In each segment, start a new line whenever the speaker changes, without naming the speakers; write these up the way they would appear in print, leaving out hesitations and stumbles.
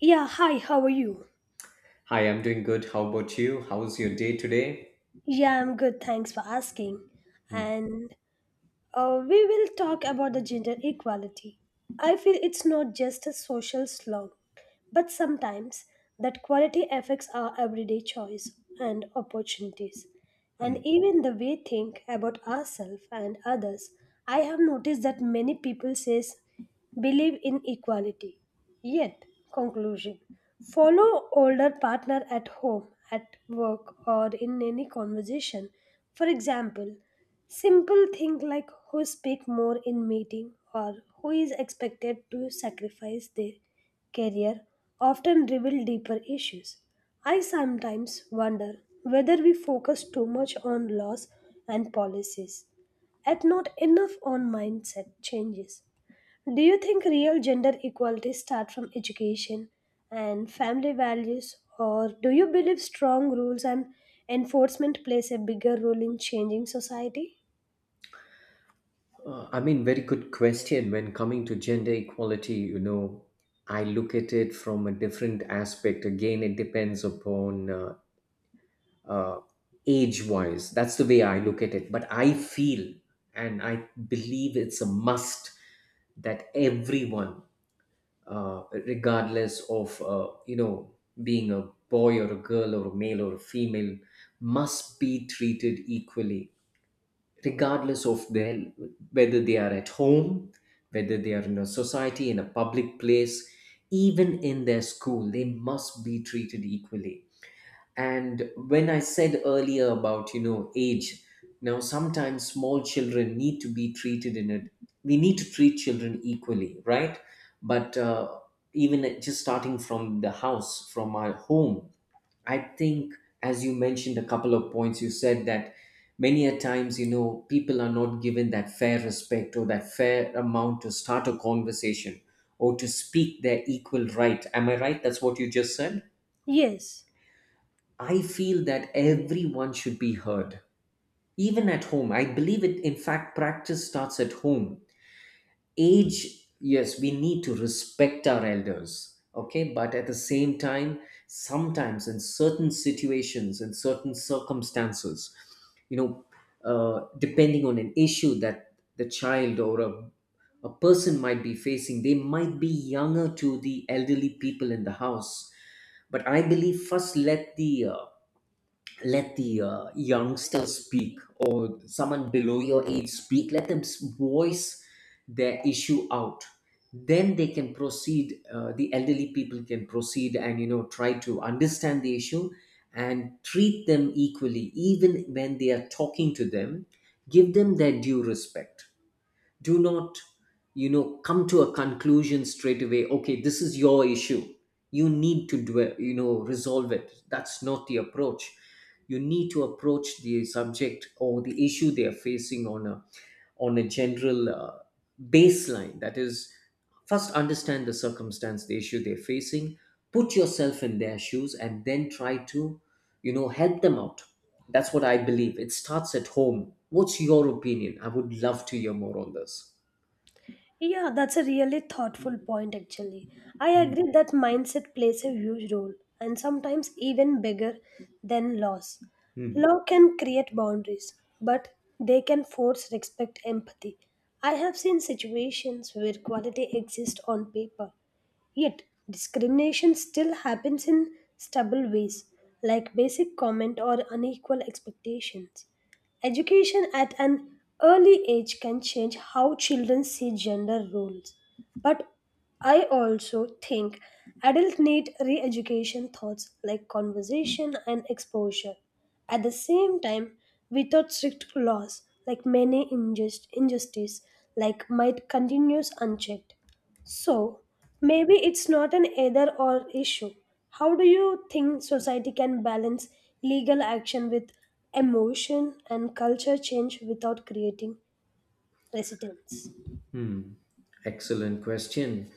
Yeah, hi, how are you?
Hi, I'm doing good. How about you? How's your day today?
Yeah, I'm good, thanks for asking.
Hmm,
And we will talk about the gender equality. I feel it's not just a social slog, but sometimes that quality affects our everyday choice and opportunities, and
hmm.
even the way we think about ourselves and others. I have noticed that many people says believe in equality, yet conclusion follow older partner at home, at work, or in any conversation. For example, simple things like who speak more in meeting or who is expected to sacrifice their career often reveal deeper issues. I sometimes wonder whether we focus too much on laws and policies and not enough on mindset changes. Do you think real gender equality starts from education and family values or do you believe strong rules and enforcement plays a bigger role in changing society?
Very good question. When coming to gender equality, I look at it from a different aspect. Again, it depends upon uh, age wise. That's the way I look at it. But I feel and I believe it's a must that everyone, regardless of, being a boy or a girl or a male or a female, must be treated equally regardless of their, whether they are at home, whether they are in a society, in a public place, even in their school, they must be treated equally. And when I said earlier about, you know, age, now sometimes small children need to be treated in it. We need to treat children equally, right? but uh, just starting from the house, from our home, I think, as you mentioned a couple of points, you said that many a times, you know, people are not given that fair respect or that fair amount to start a conversation or to speak their equal right. Am I right? That's what you just said?
Yes.
I feel that everyone should be heard, even at home. I believe it, in fact, practice starts at home. Age, yes, we need to respect our elders, okay, but at the same time, sometimes in certain situations, in certain circumstances, you know, depending on an issue that the child or a person might be facing, they might be younger to the elderly people in the house, but I believe, first let the youngsters speak, or someone below your age speak, voice their issue out. Then they can proceed, the elderly people can proceed and, you know, try to understand the issue and treat them equally even when they are talking to them. Give them their due respect. Do not, you know, come to a conclusion straight away, okay, this is your issue, you need to dwell, you know, resolve it. That's not the approach. You need to approach the subject or the issue they are facing on a, on a general baseline. That is, first understand the circumstance, the issue they're facing, put yourself in their shoes, and then try to, you know, help them out. That's what I believe. It starts at home. What's your opinion? I would love to hear more on this.
Yeah, that's a really thoughtful point actually. I
Hmm.
agree that mindset plays a huge role and sometimes even bigger than laws.
Hmm.
Law can create boundaries, but they can force respect empathy. I have seen situations where quality exists on paper, yet, discrimination still happens in stubble ways, like basic comment or unequal expectations. Education at an early age can change how children see gender roles. But I also think adults need re education thoughts like conversation and exposure. At the same time, without strict laws, like many injustice, like might continues unchecked. So, maybe it's not an either or issue. How do you think society can balance legal action with emotion and culture change without creating resistance?
Hmm. Excellent question.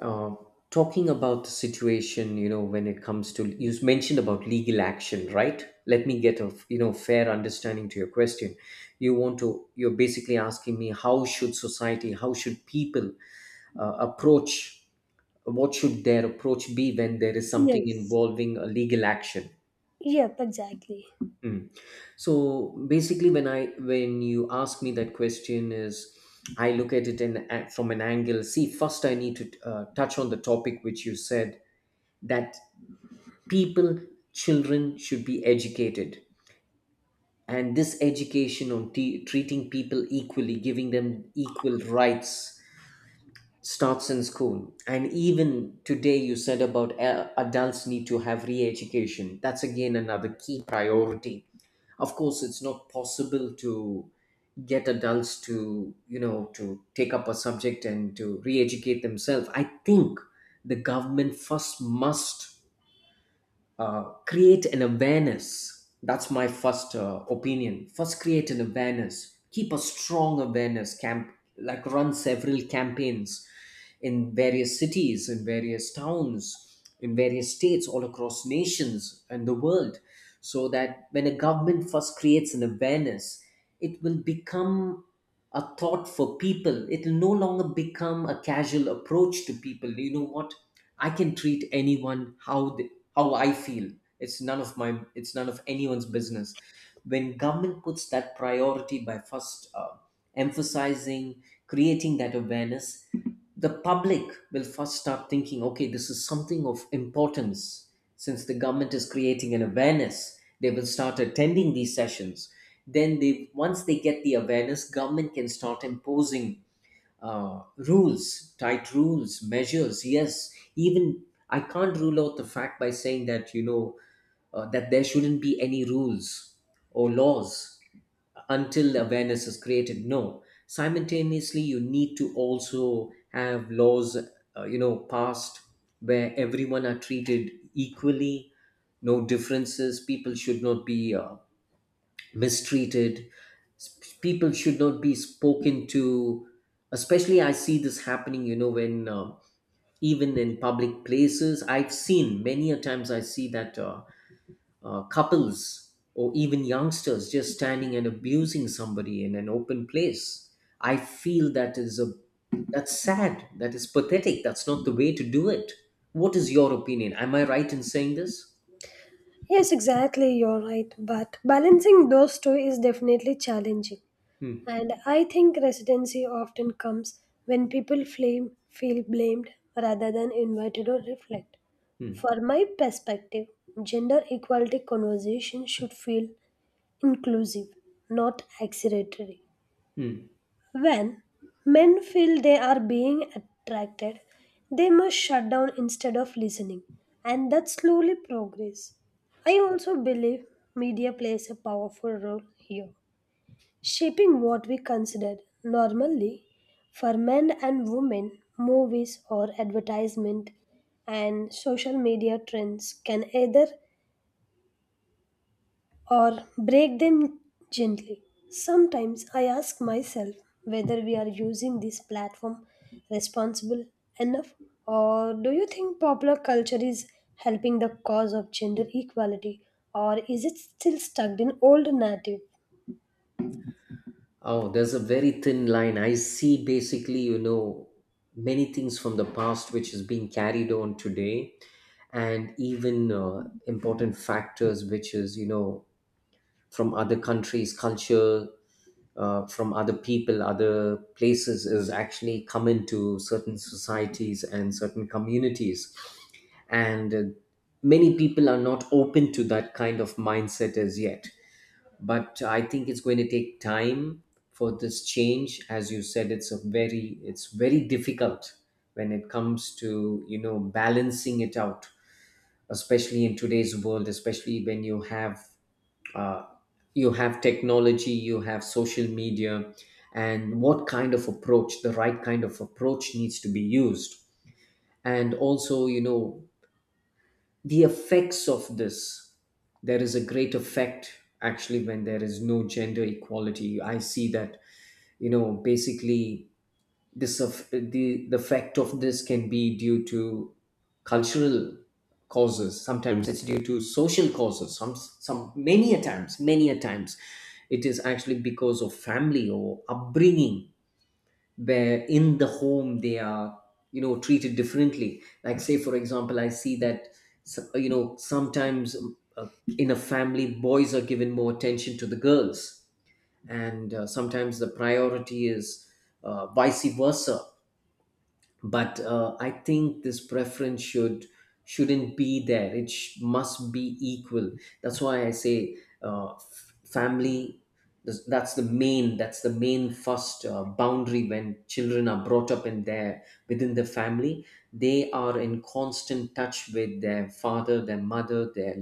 Uh, Talking about the situation, you know, when it comes to, you mentioned about legal action, right? Let me get a, you know, fair understanding to your question. You want to you're basically asking me, how should society, how should people approach, what should their approach be when there is something
Yes.
involving a legal action?
Yep, exactly.
Mm. So basically, when you ask me that question, is, I look at it in a- from an angle. See, first I need to touch on the topic which you said that people, children should be educated, and this education on treating people equally, giving them equal rights, starts in school. And even today, you said about adults need to have re-education. That's again another key priority. Of course, it's not possible to get adults to, you know, to take up a subject and to re-educate themselves. I think the government first must create an awareness. That's my first opinion. First create an awareness, keep a strong awareness camp, like run several campaigns in various cities, in various towns, in various states, all across nations and the world. So that when a government first creates an awareness, it will become a thought for people. It will no longer become a casual approach to people. You know what? I can treat anyone how they, how I feel. It's none of my. It's none of anyone's business. When government puts that priority by first emphasizing, creating that awareness, the public will first start thinking, okay, this is something of importance. Since the government is creating an awareness, they will start attending these sessions. Then they once they get the awareness, government can start imposing rules, tight rules, measures. Yes, even I can't rule out the fact by saying that, you know, that there shouldn't be any rules or laws until awareness is created. No, simultaneously, you need to also have laws, passed, where everyone are treated equally, no differences. People should not be mistreated. People should not be spoken to. Especially, I see this happening, you know, when even in public places, I've seen many a times, I see that couples or even youngsters just standing and abusing somebody in an open place. I feel that is a, that's sad. That is pathetic. That's not the way to do it. What is your opinion? Am I right in saying this?
Yes, exactly, you're right. But balancing those two is definitely challenging.
Hmm.
And I think residency often comes when people feel blamed rather than invited or reflect.
Hmm.
For my perspective, gender equality conversation should feel inclusive, not accusatory.
Hmm.
When men feel they are being attracted, they must shut down instead of listening, and that slowly progress. I also believe media plays a powerful role here shaping what we consider normally for men and women, movies or advertisement and social media trends can either or break them gently. Sometimes I ask myself whether we are using this platform responsible enough or do you think popular culture is helping the cause of gender equality or is it still stuck in old narrative?
Oh, there's a very thin line. I see basically, you know, many things from the past which is being carried on today, and even important factors which is, you know, from other countries, culture, from other people, other places, is actually come into certain societies and certain communities. And many people are not open to that kind of mindset as yet, but I think it's going to take time for this change. As you said, it's a very, it's very difficult when it comes to, you know, balancing it out, especially in today's world, especially when uh, you have technology, you have social media, and what kind of approach, the right kind of approach needs to be used. And also, you know, the effects of this, there is a great effect actually when there is no gender equality. I see that, you know, basically this of the effect of this can be due to cultural causes, sometimes it's due to social causes, some many a times, many a times it is actually because of family or upbringing, where in the home they are, you know, treated differently. Like, say for example, I see that, you know, sometimes in a family, boys are given more attention to the girls, and sometimes the priority is vice versa. But I think this preference shouldn't be there. Must be equal. That's why I say, family, that's the main, that's the main first boundary. When children are brought up in their, within the family, they are in constant touch with their father, their mother, their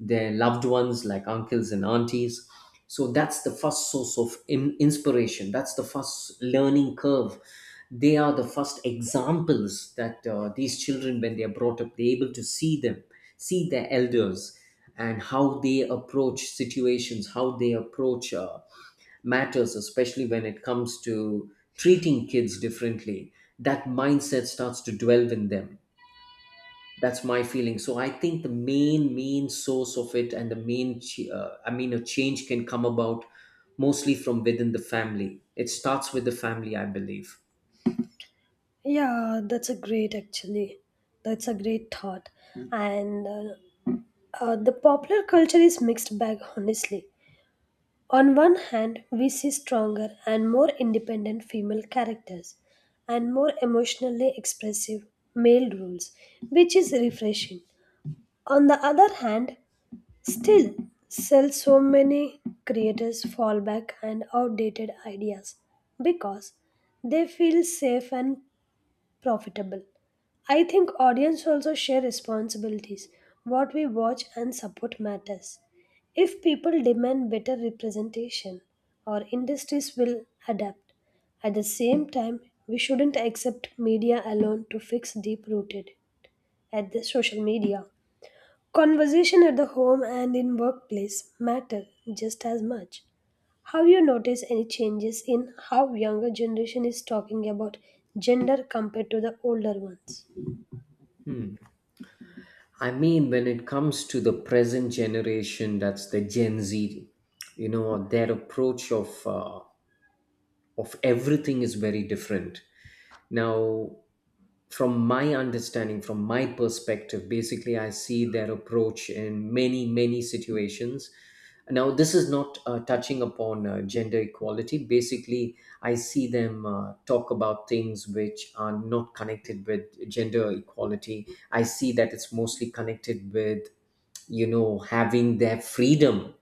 their loved ones, like uncles and aunties. So that's the first source of inspiration. That's the first learning curve. They are the first examples, that these children when they are brought up, they're able to see them, see their elders, and how they approach situations, how they approach matters, especially when it comes to treating kids differently, that mindset starts to dwell in them. That's my feeling. So I think the main, main source of it, and the main, a change can come about mostly from within the family. It starts with the family, I believe.
Yeah, that's a great actually. That's a great thought. Mm. And the popular culture is mixed bag, honestly. On one hand, we see stronger and more independent female characters and more emotionally expressive male roles, which is refreshing. On the other hand, still sell so many creators fall back and outdated ideas because they feel safe and profitable. I think audience also share responsibilities. What we watch and support matters. If people demand better representation, our industries will adapt. At the same time, we shouldn't accept media alone to fix deep rooted at the social media. Conversation at the home and in workplace matter just as much. Have you noticed any changes in how younger generation is talking about gender compared to the older ones?
I mean, when it comes to the present generation, that's the Gen Z, you know, their approach of everything is very different. Now, from my understanding, from my perspective, basically, I see their approach in many, many situations. Now, this is not touching upon gender equality. Basically, I see them talk about things which are not connected with gender equality. I see that it's mostly connected with, you know, having their freedom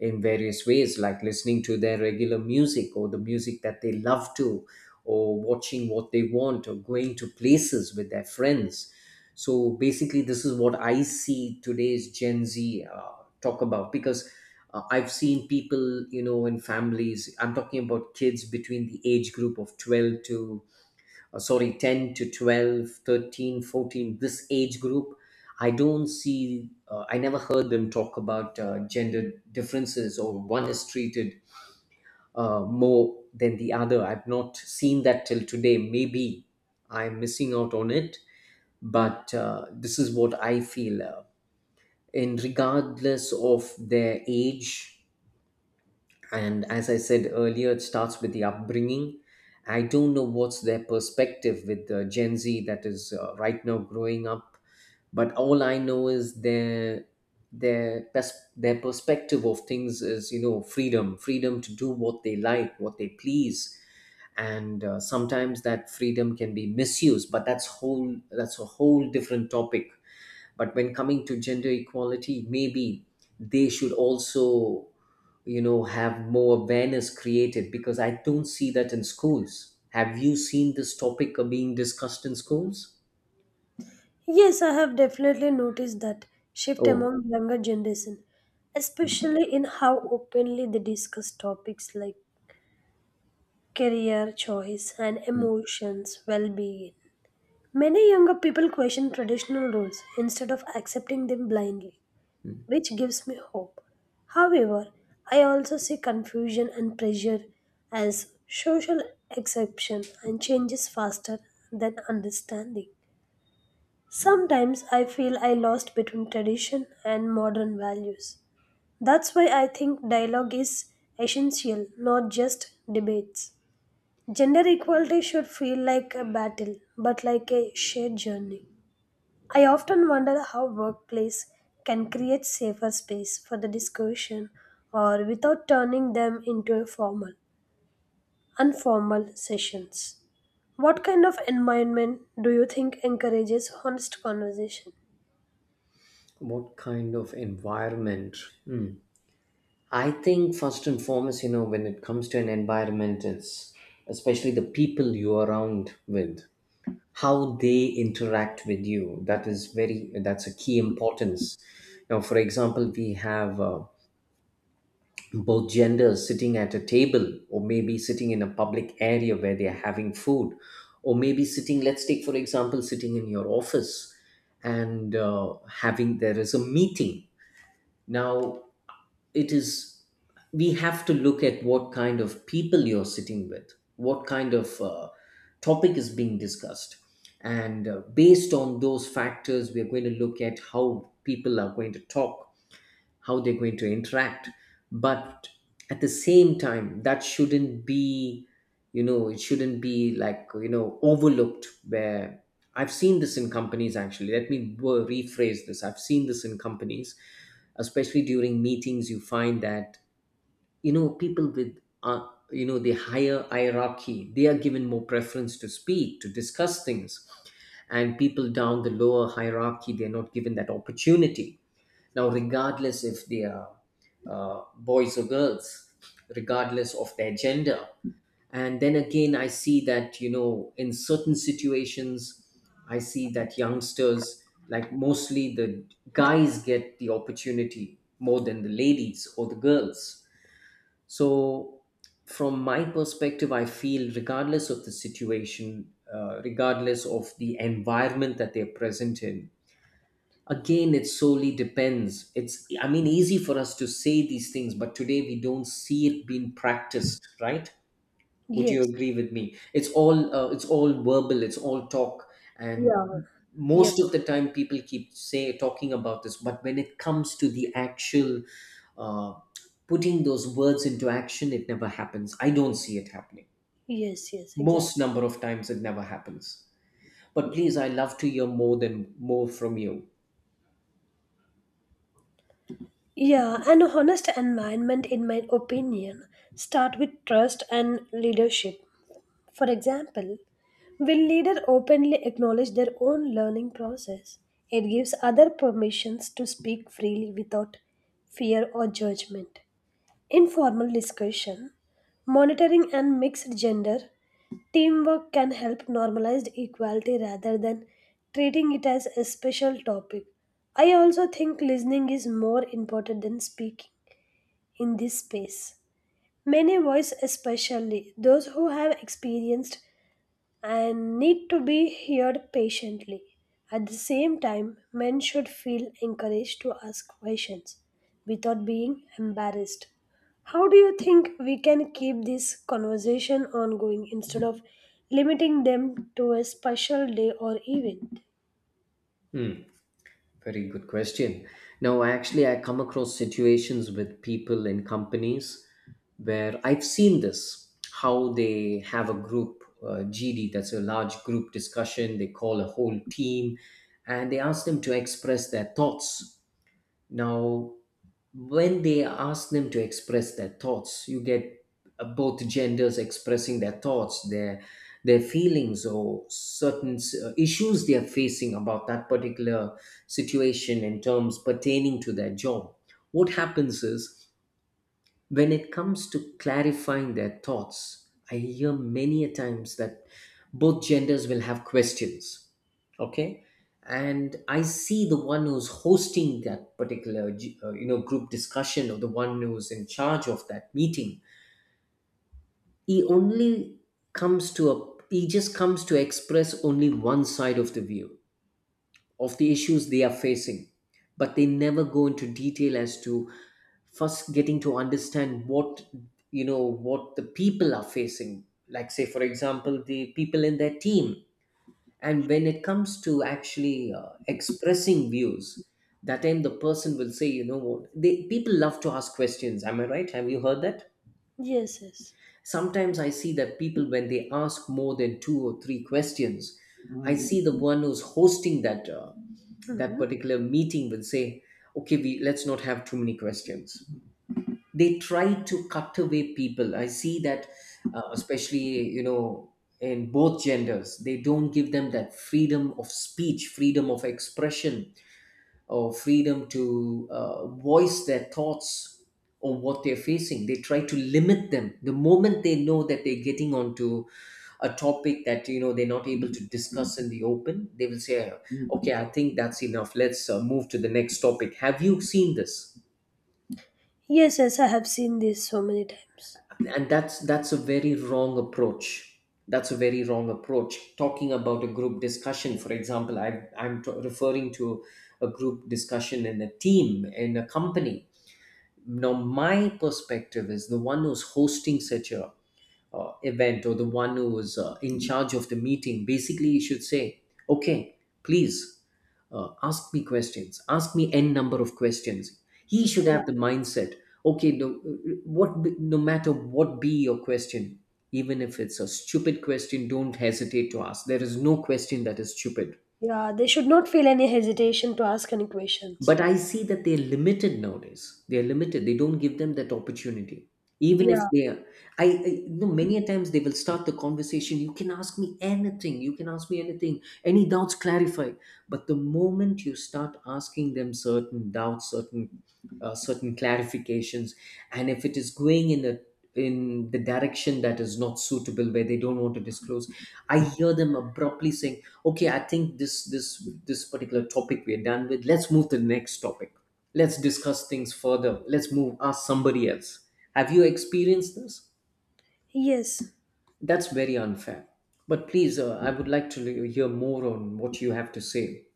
in various ways, like listening to their regular music or the music that they love to, or watching what they want, or going to places with their friends. So basically this is what I see today's Gen Z talk about. Because I've seen people, you know, in families, I'm talking about kids between the age group of 12 to sorry 10 to 12, 13, 14. This age group, I don't see, I never heard them talk about gender differences or one is treated more than the other. I've not seen that till today. Maybe I'm missing out on it. But this is what I feel, in regardless of their age. And as I said earlier, it starts with the upbringing. I don't know what's their perspective with the Gen Z that is right now growing up. But all I know is their perspective of things is freedom to do what they like, what they please. And sometimes that freedom can be misused, but that's a whole different topic. But when coming to gender equality, maybe they should also have more awareness created, because I don't see that in schools. Have you seen this topic being discussed in schools?
Yes, I have definitely noticed that shift
Oh.
among younger generation, especially in how openly they discuss topics like career choice and
Mm.
emotions, well-being. Many younger people question traditional roles instead of accepting them blindly,
Mm.
which gives me hope. However, I also see confusion and pressure as social exception and changes faster than understanding. Sometimes I feel I lost between tradition and modern values. That's why I think dialogue is essential, not just debates. Gender equality should feel like a battle, but like a shared journey. I often wonder how workplace can create safer space for the discussion or without turning them into a formal, informal sessions. What kind of environment do you think encourages honest conversation?
What kind of environment? Hmm. I think first and foremost, you know, when it comes to an environment, it's especially the people you're around with, how they interact with you. That is very, that's a key importance. Now, for example, we have both genders sitting at a table, or maybe sitting in a public area where they're having food, or maybe sitting, let's take, for example, sitting in your office, and having, there is a meeting. Now, it is we have to look at what kind of people you're sitting with, what kind of topic is being discussed. And based on those factors, we are going to look at how people are going to talk, how they're going to interact. But at the same time, that shouldn't be, it shouldn't be like, overlooked, where I've seen this in companies. Actually, rephrase this. I've seen this in companies, especially during meetings. You find that, people with, the higher hierarchy, they are given more preference to speak, to discuss things. And people down the lower hierarchy, they're not given that opportunity. Now, regardless if they are boys or girls, regardless of their gender. And then again, I see that, in certain situations, I see that youngsters, like mostly the guys, get the opportunity more than the ladies or the girls. So, from my perspective, I feel regardless of the situation, regardless of the environment that they're present in, again it solely depends. It's I mean, easy for us to say these things, but today we don't see it being practiced, right? Would you
Yes.
agree with me? It's all verbal, it's all talk. And
Yeah. Yep.
most of the time people keep say talking about this, but when it comes to the actual uh, putting those words into action, it never happens. I don't see it happening.
Yes, yes, exactly.
Most number of times it never happens. But please, I love to hear more from you.
Yeah, an honest environment, in my opinion, start with trust and leadership. For example, when leaders openly acknowledge their own learning process, it gives other permissions to speak freely without fear or judgment. Informal discussion, monitoring, and mixed gender teamwork can help normalize equality rather than treating it as a special topic. I also think listening is more important than speaking in this space. Many voice, especially those who have experienced and need to be heard patiently. At the same time, men should feel encouraged to ask questions without being embarrassed. How do you think we can keep this conversation ongoing instead of limiting them to a special day or event?
Hmm. Very good question. Now, actually, I come across situations with people in companies where I've seen this. How they have a group GD, that's a large group discussion, they call a whole team and they ask them to express their thoughts. Now, when they ask them to express their thoughts, you get both genders expressing their thoughts, their feelings, or certain issues they are facing about that particular situation in terms pertaining to their job. What happens is, when it comes to clarifying their thoughts, I hear many a times that both genders will have questions. Okay, and I see the one who's hosting that particular group discussion, or the one who's in charge of that meeting. He only comes to a he just comes to express only one side of the view of the issues they are facing, but they never go into detail as to first getting to understand what, what the people are facing, like say, for example, the people in their team. And when it comes to actually expressing views, that time the person will say, you know what, they people love to ask questions. Am I right? Have you heard that?
Yes, yes.
Sometimes I see that people, when they ask more than two or three questions, I see the one who's hosting that
Mhm.
particular meeting will say, okay, we let's not have too many questions. They try to cut away people. I see that, especially, in both genders they don't give them that freedom of speech, freedom of expression, or freedom to voice their thoughts or what they're facing. They try to limit them. The moment they know that they're getting onto a topic that they're not able to discuss in the open, they will say, "Okay, I think that's enough. Let's move to the next topic." Have you seen this?
Yes, yes, I have seen this so many times.
And that's a very wrong approach. That's a very wrong approach. Talking about a group discussion, for example, referring to a group discussion in a team, in a company. Now, my perspective is the one who's hosting such a event, or the one who is in charge of the meeting. Basically, you should say, "Okay, please, ask me questions. Ask me n number of questions." He should
Yeah.
have the mindset. Okay, no, no matter what be your question, even if it's a stupid question, don't hesitate to ask. There is no question that is stupid.
Yeah, they should not feel any hesitation to ask any questions.
But I see that they're limited nowadays. They're limited. They don't give them that opportunity. Even if
Yeah.
they are, I you know many a times they will start the conversation. You can ask me anything. You can ask me anything. Any doubts, clarify. But the moment you start asking them certain doubts, certain clarifications, and if it is going in the direction that is not suitable, where they don't want to disclose, I hear them abruptly saying, "Okay, I think this particular topic we're done with. Let's move to the next topic. Let's discuss things further. Let's move ask somebody else." Have you experienced this?
Yes.
That's very unfair. But please, I would like to hear more on what you have to say.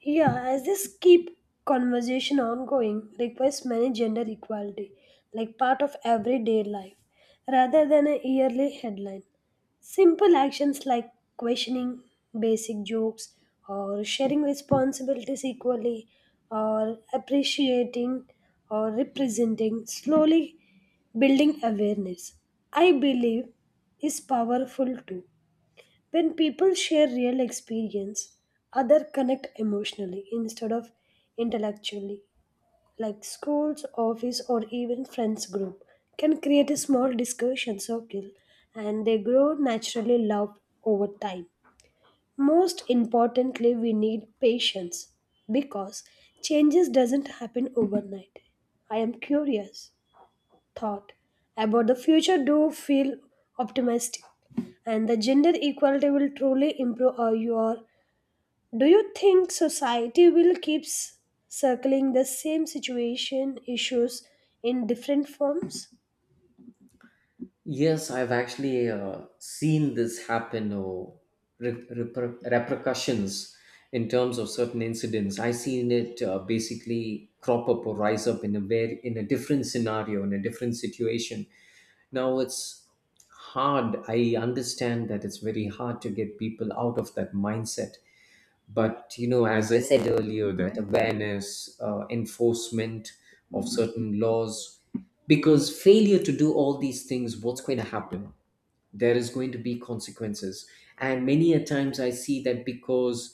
Yeah, as this keep conversation ongoing requires many gender equality, like part of everyday life, rather than a yearly headline. Simple actions like questioning basic jokes or sharing responsibilities equally or appreciating or representing slowly building awareness. I believe is powerful too when people share real experience, other connect emotionally instead of intellectually. Like schools, office, or even friends group can create a small discussion circle and they grow naturally love over time. Most importantly, we need patience because changes doesn't happen overnight. I am curious thought about the future do feel optimistic and the gender equality will truly improve our your do you think society will keep circling the same situation issues in different forms?
Yes, I've actually seen this happen or repercussions in terms of certain incidents. I've seen it basically crop up or rise up in a different scenario, in a different situation. Now it's hard. I understand that it's very hard to get people out of that mindset, but you know, as I said earlier, that awareness, enforcement of certain laws, because failure to do all these things, what's going to happen? There is going to be consequences. And many a times I see that, because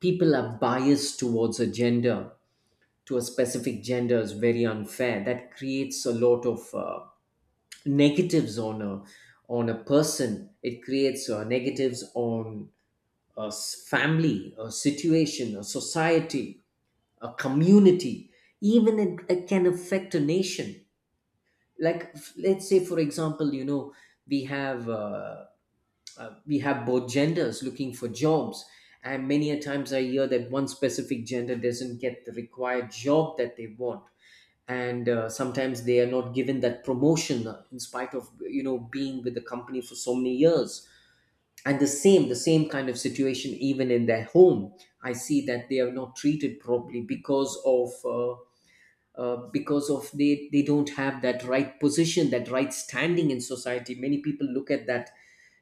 people are biased towards a gender, to a specific gender, is very unfair. That creates a lot of negatives on a person. It creates negatives on family, a situation, a society, a community, even it can affect a nation. Like let's say, for example, you know, we have both genders looking for jobs, and many a times I hear that one specific gender doesn't get the required job that they want. And sometimes they are not given that promotion, in spite of you know being with the company for so many years. And the same kind of situation even in their home. I see that they are not treated properly because of, they don't have that right position, that right standing in society. Many people look at that,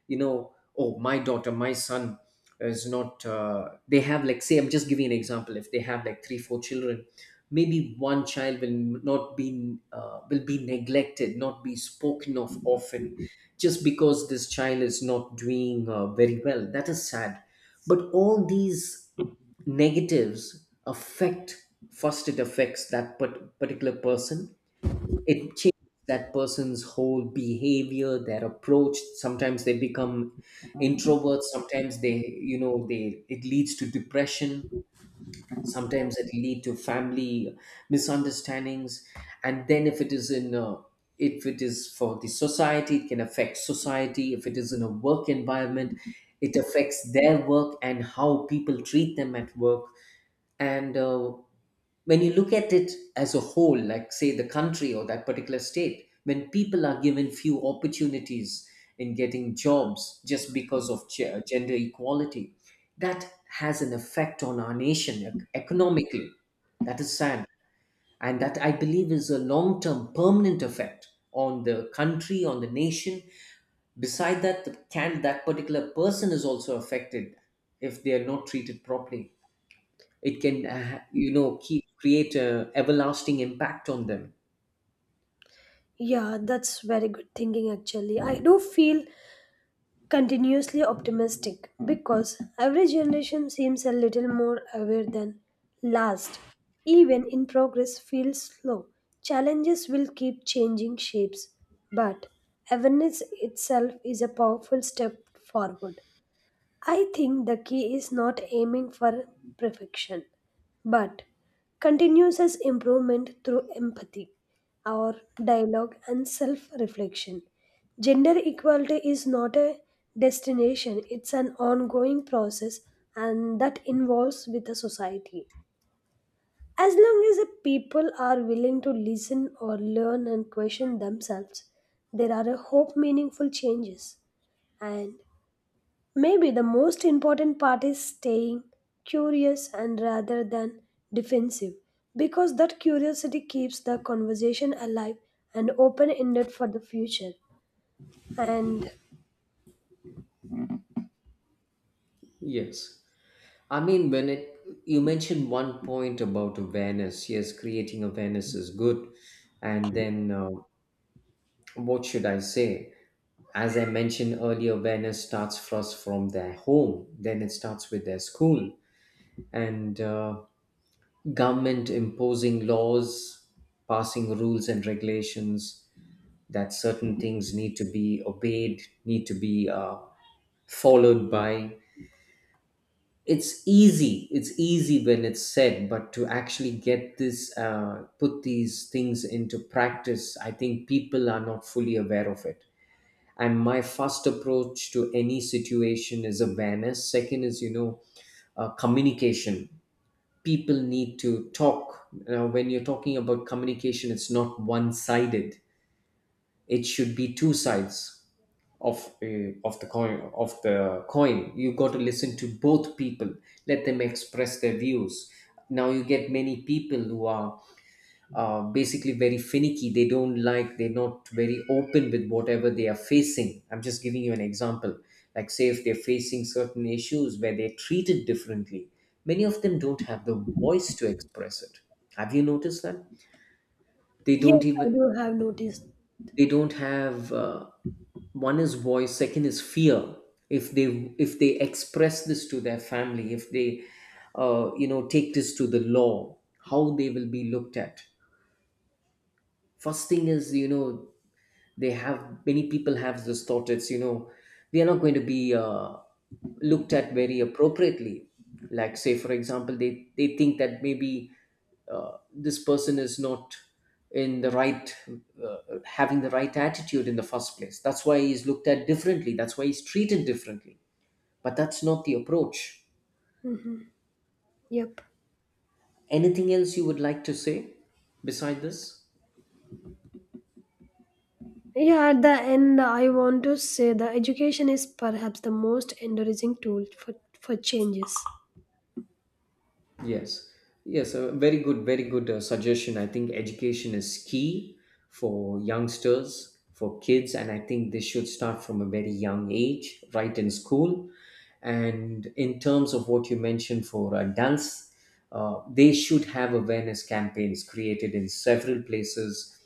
you know, oh, my daughter, my son is not they have, like say, I'm just giving an example, if they have like three four children, maybe one child will not be will be neglected, not be spoken of often, just because this child is not doing very well. That is sad. But all these negatives affect, first it affects that particular person. It changes that person's whole behavior, their approach. Sometimes they become introverts. Sometimes they, you know, they it leads to depression. Sometimes it lead to family misunderstandings. And then if it is if it is for the society, it can affect society. If it is in a work environment, it affects their work and how people treat them at work. And when you look at it as a whole, like say the country or that particular state, when people are given few opportunities in getting jobs just because of gender equality, that has an effect on our nation economically. That is sad. And that I believe is a long term permanent effect on the country, on the nation. Beside that, the, can that particular person is also affected if they are not treated properly. It can you know keep create a everlasting impact on them.
Yeah, that's very good thinking actually. I do feel continuously optimistic because every generation seems a little more aware than last. Even in progress feels slow. Challenges will keep changing shapes, but awareness itself is a powerful step forward. I think the key is not aiming for perfection, but continuous improvement through empathy, our dialogue, and self reflection. Gender equality is not a destination, it's an ongoing process, and that involves with the society. As long as the people are willing to listen or learn and question themselves, there are a hope meaningful changes. And maybe the most important part is staying curious and rather than defensive because that curiosity keeps the conversation alive and open ended for the future. And
Yes, I mean, when it you mentioned one point about awareness. Yes, creating awareness is good. And then, what should I say, as I mentioned earlier, awareness starts first from their home, then it starts with their school. And government imposing laws, passing rules and regulations, that certain things need to be obeyed, need to be followed by. It's easy when it's said, but to actually get this put these things into practice, I think people are not fully aware of it. And my first approach to any situation is awareness. Second is, you know, communication. People need to talk. Now, when you're talking about communication, it's not one sided. It should be two sides of the coin. You got to listen to both people, let them express their views. Now you get many people who are basically very finicky. They don't like They're not very open with whatever they are facing. I'm just giving you an example, like say, if they're facing certain issues where they're treated differently, many of them don't have the voice to express it. Have you noticed that? They
yes,
don't
I
even,
do have noticed.
they don't have one is voice, second is fear. If they express this to their family, if they you know take this to the law, how they will be looked at. First thing is, you know, they have many people have those thoughts. It's, you know, they are not going to be looked at very appropriately. Like say, for example, they think that maybe this person is not in the right uh, having the right attitude in the first place. That's why he's looked at differently, that's why he's treated differently. But that's not the approach.
Yep.
Anything else you would like to say beside this?
Yeah, at the end, I want to say the education is perhaps the most encouraging tool for changes.
Yes, yes, a very good, very good suggestion. I think education is key for youngsters, for kids, and I think they should start from a very young age, right in school. And in terms of what you mentioned for adults, they should have awareness campaigns created in several places,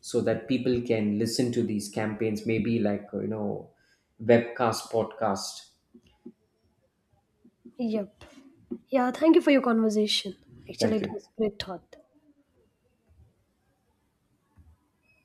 so that people can listen to these campaigns, maybe like, you know, webcast, podcast.
Yep. Yeah, thank you for your conversation. Actually,
Thank
it
you.
was a great thought.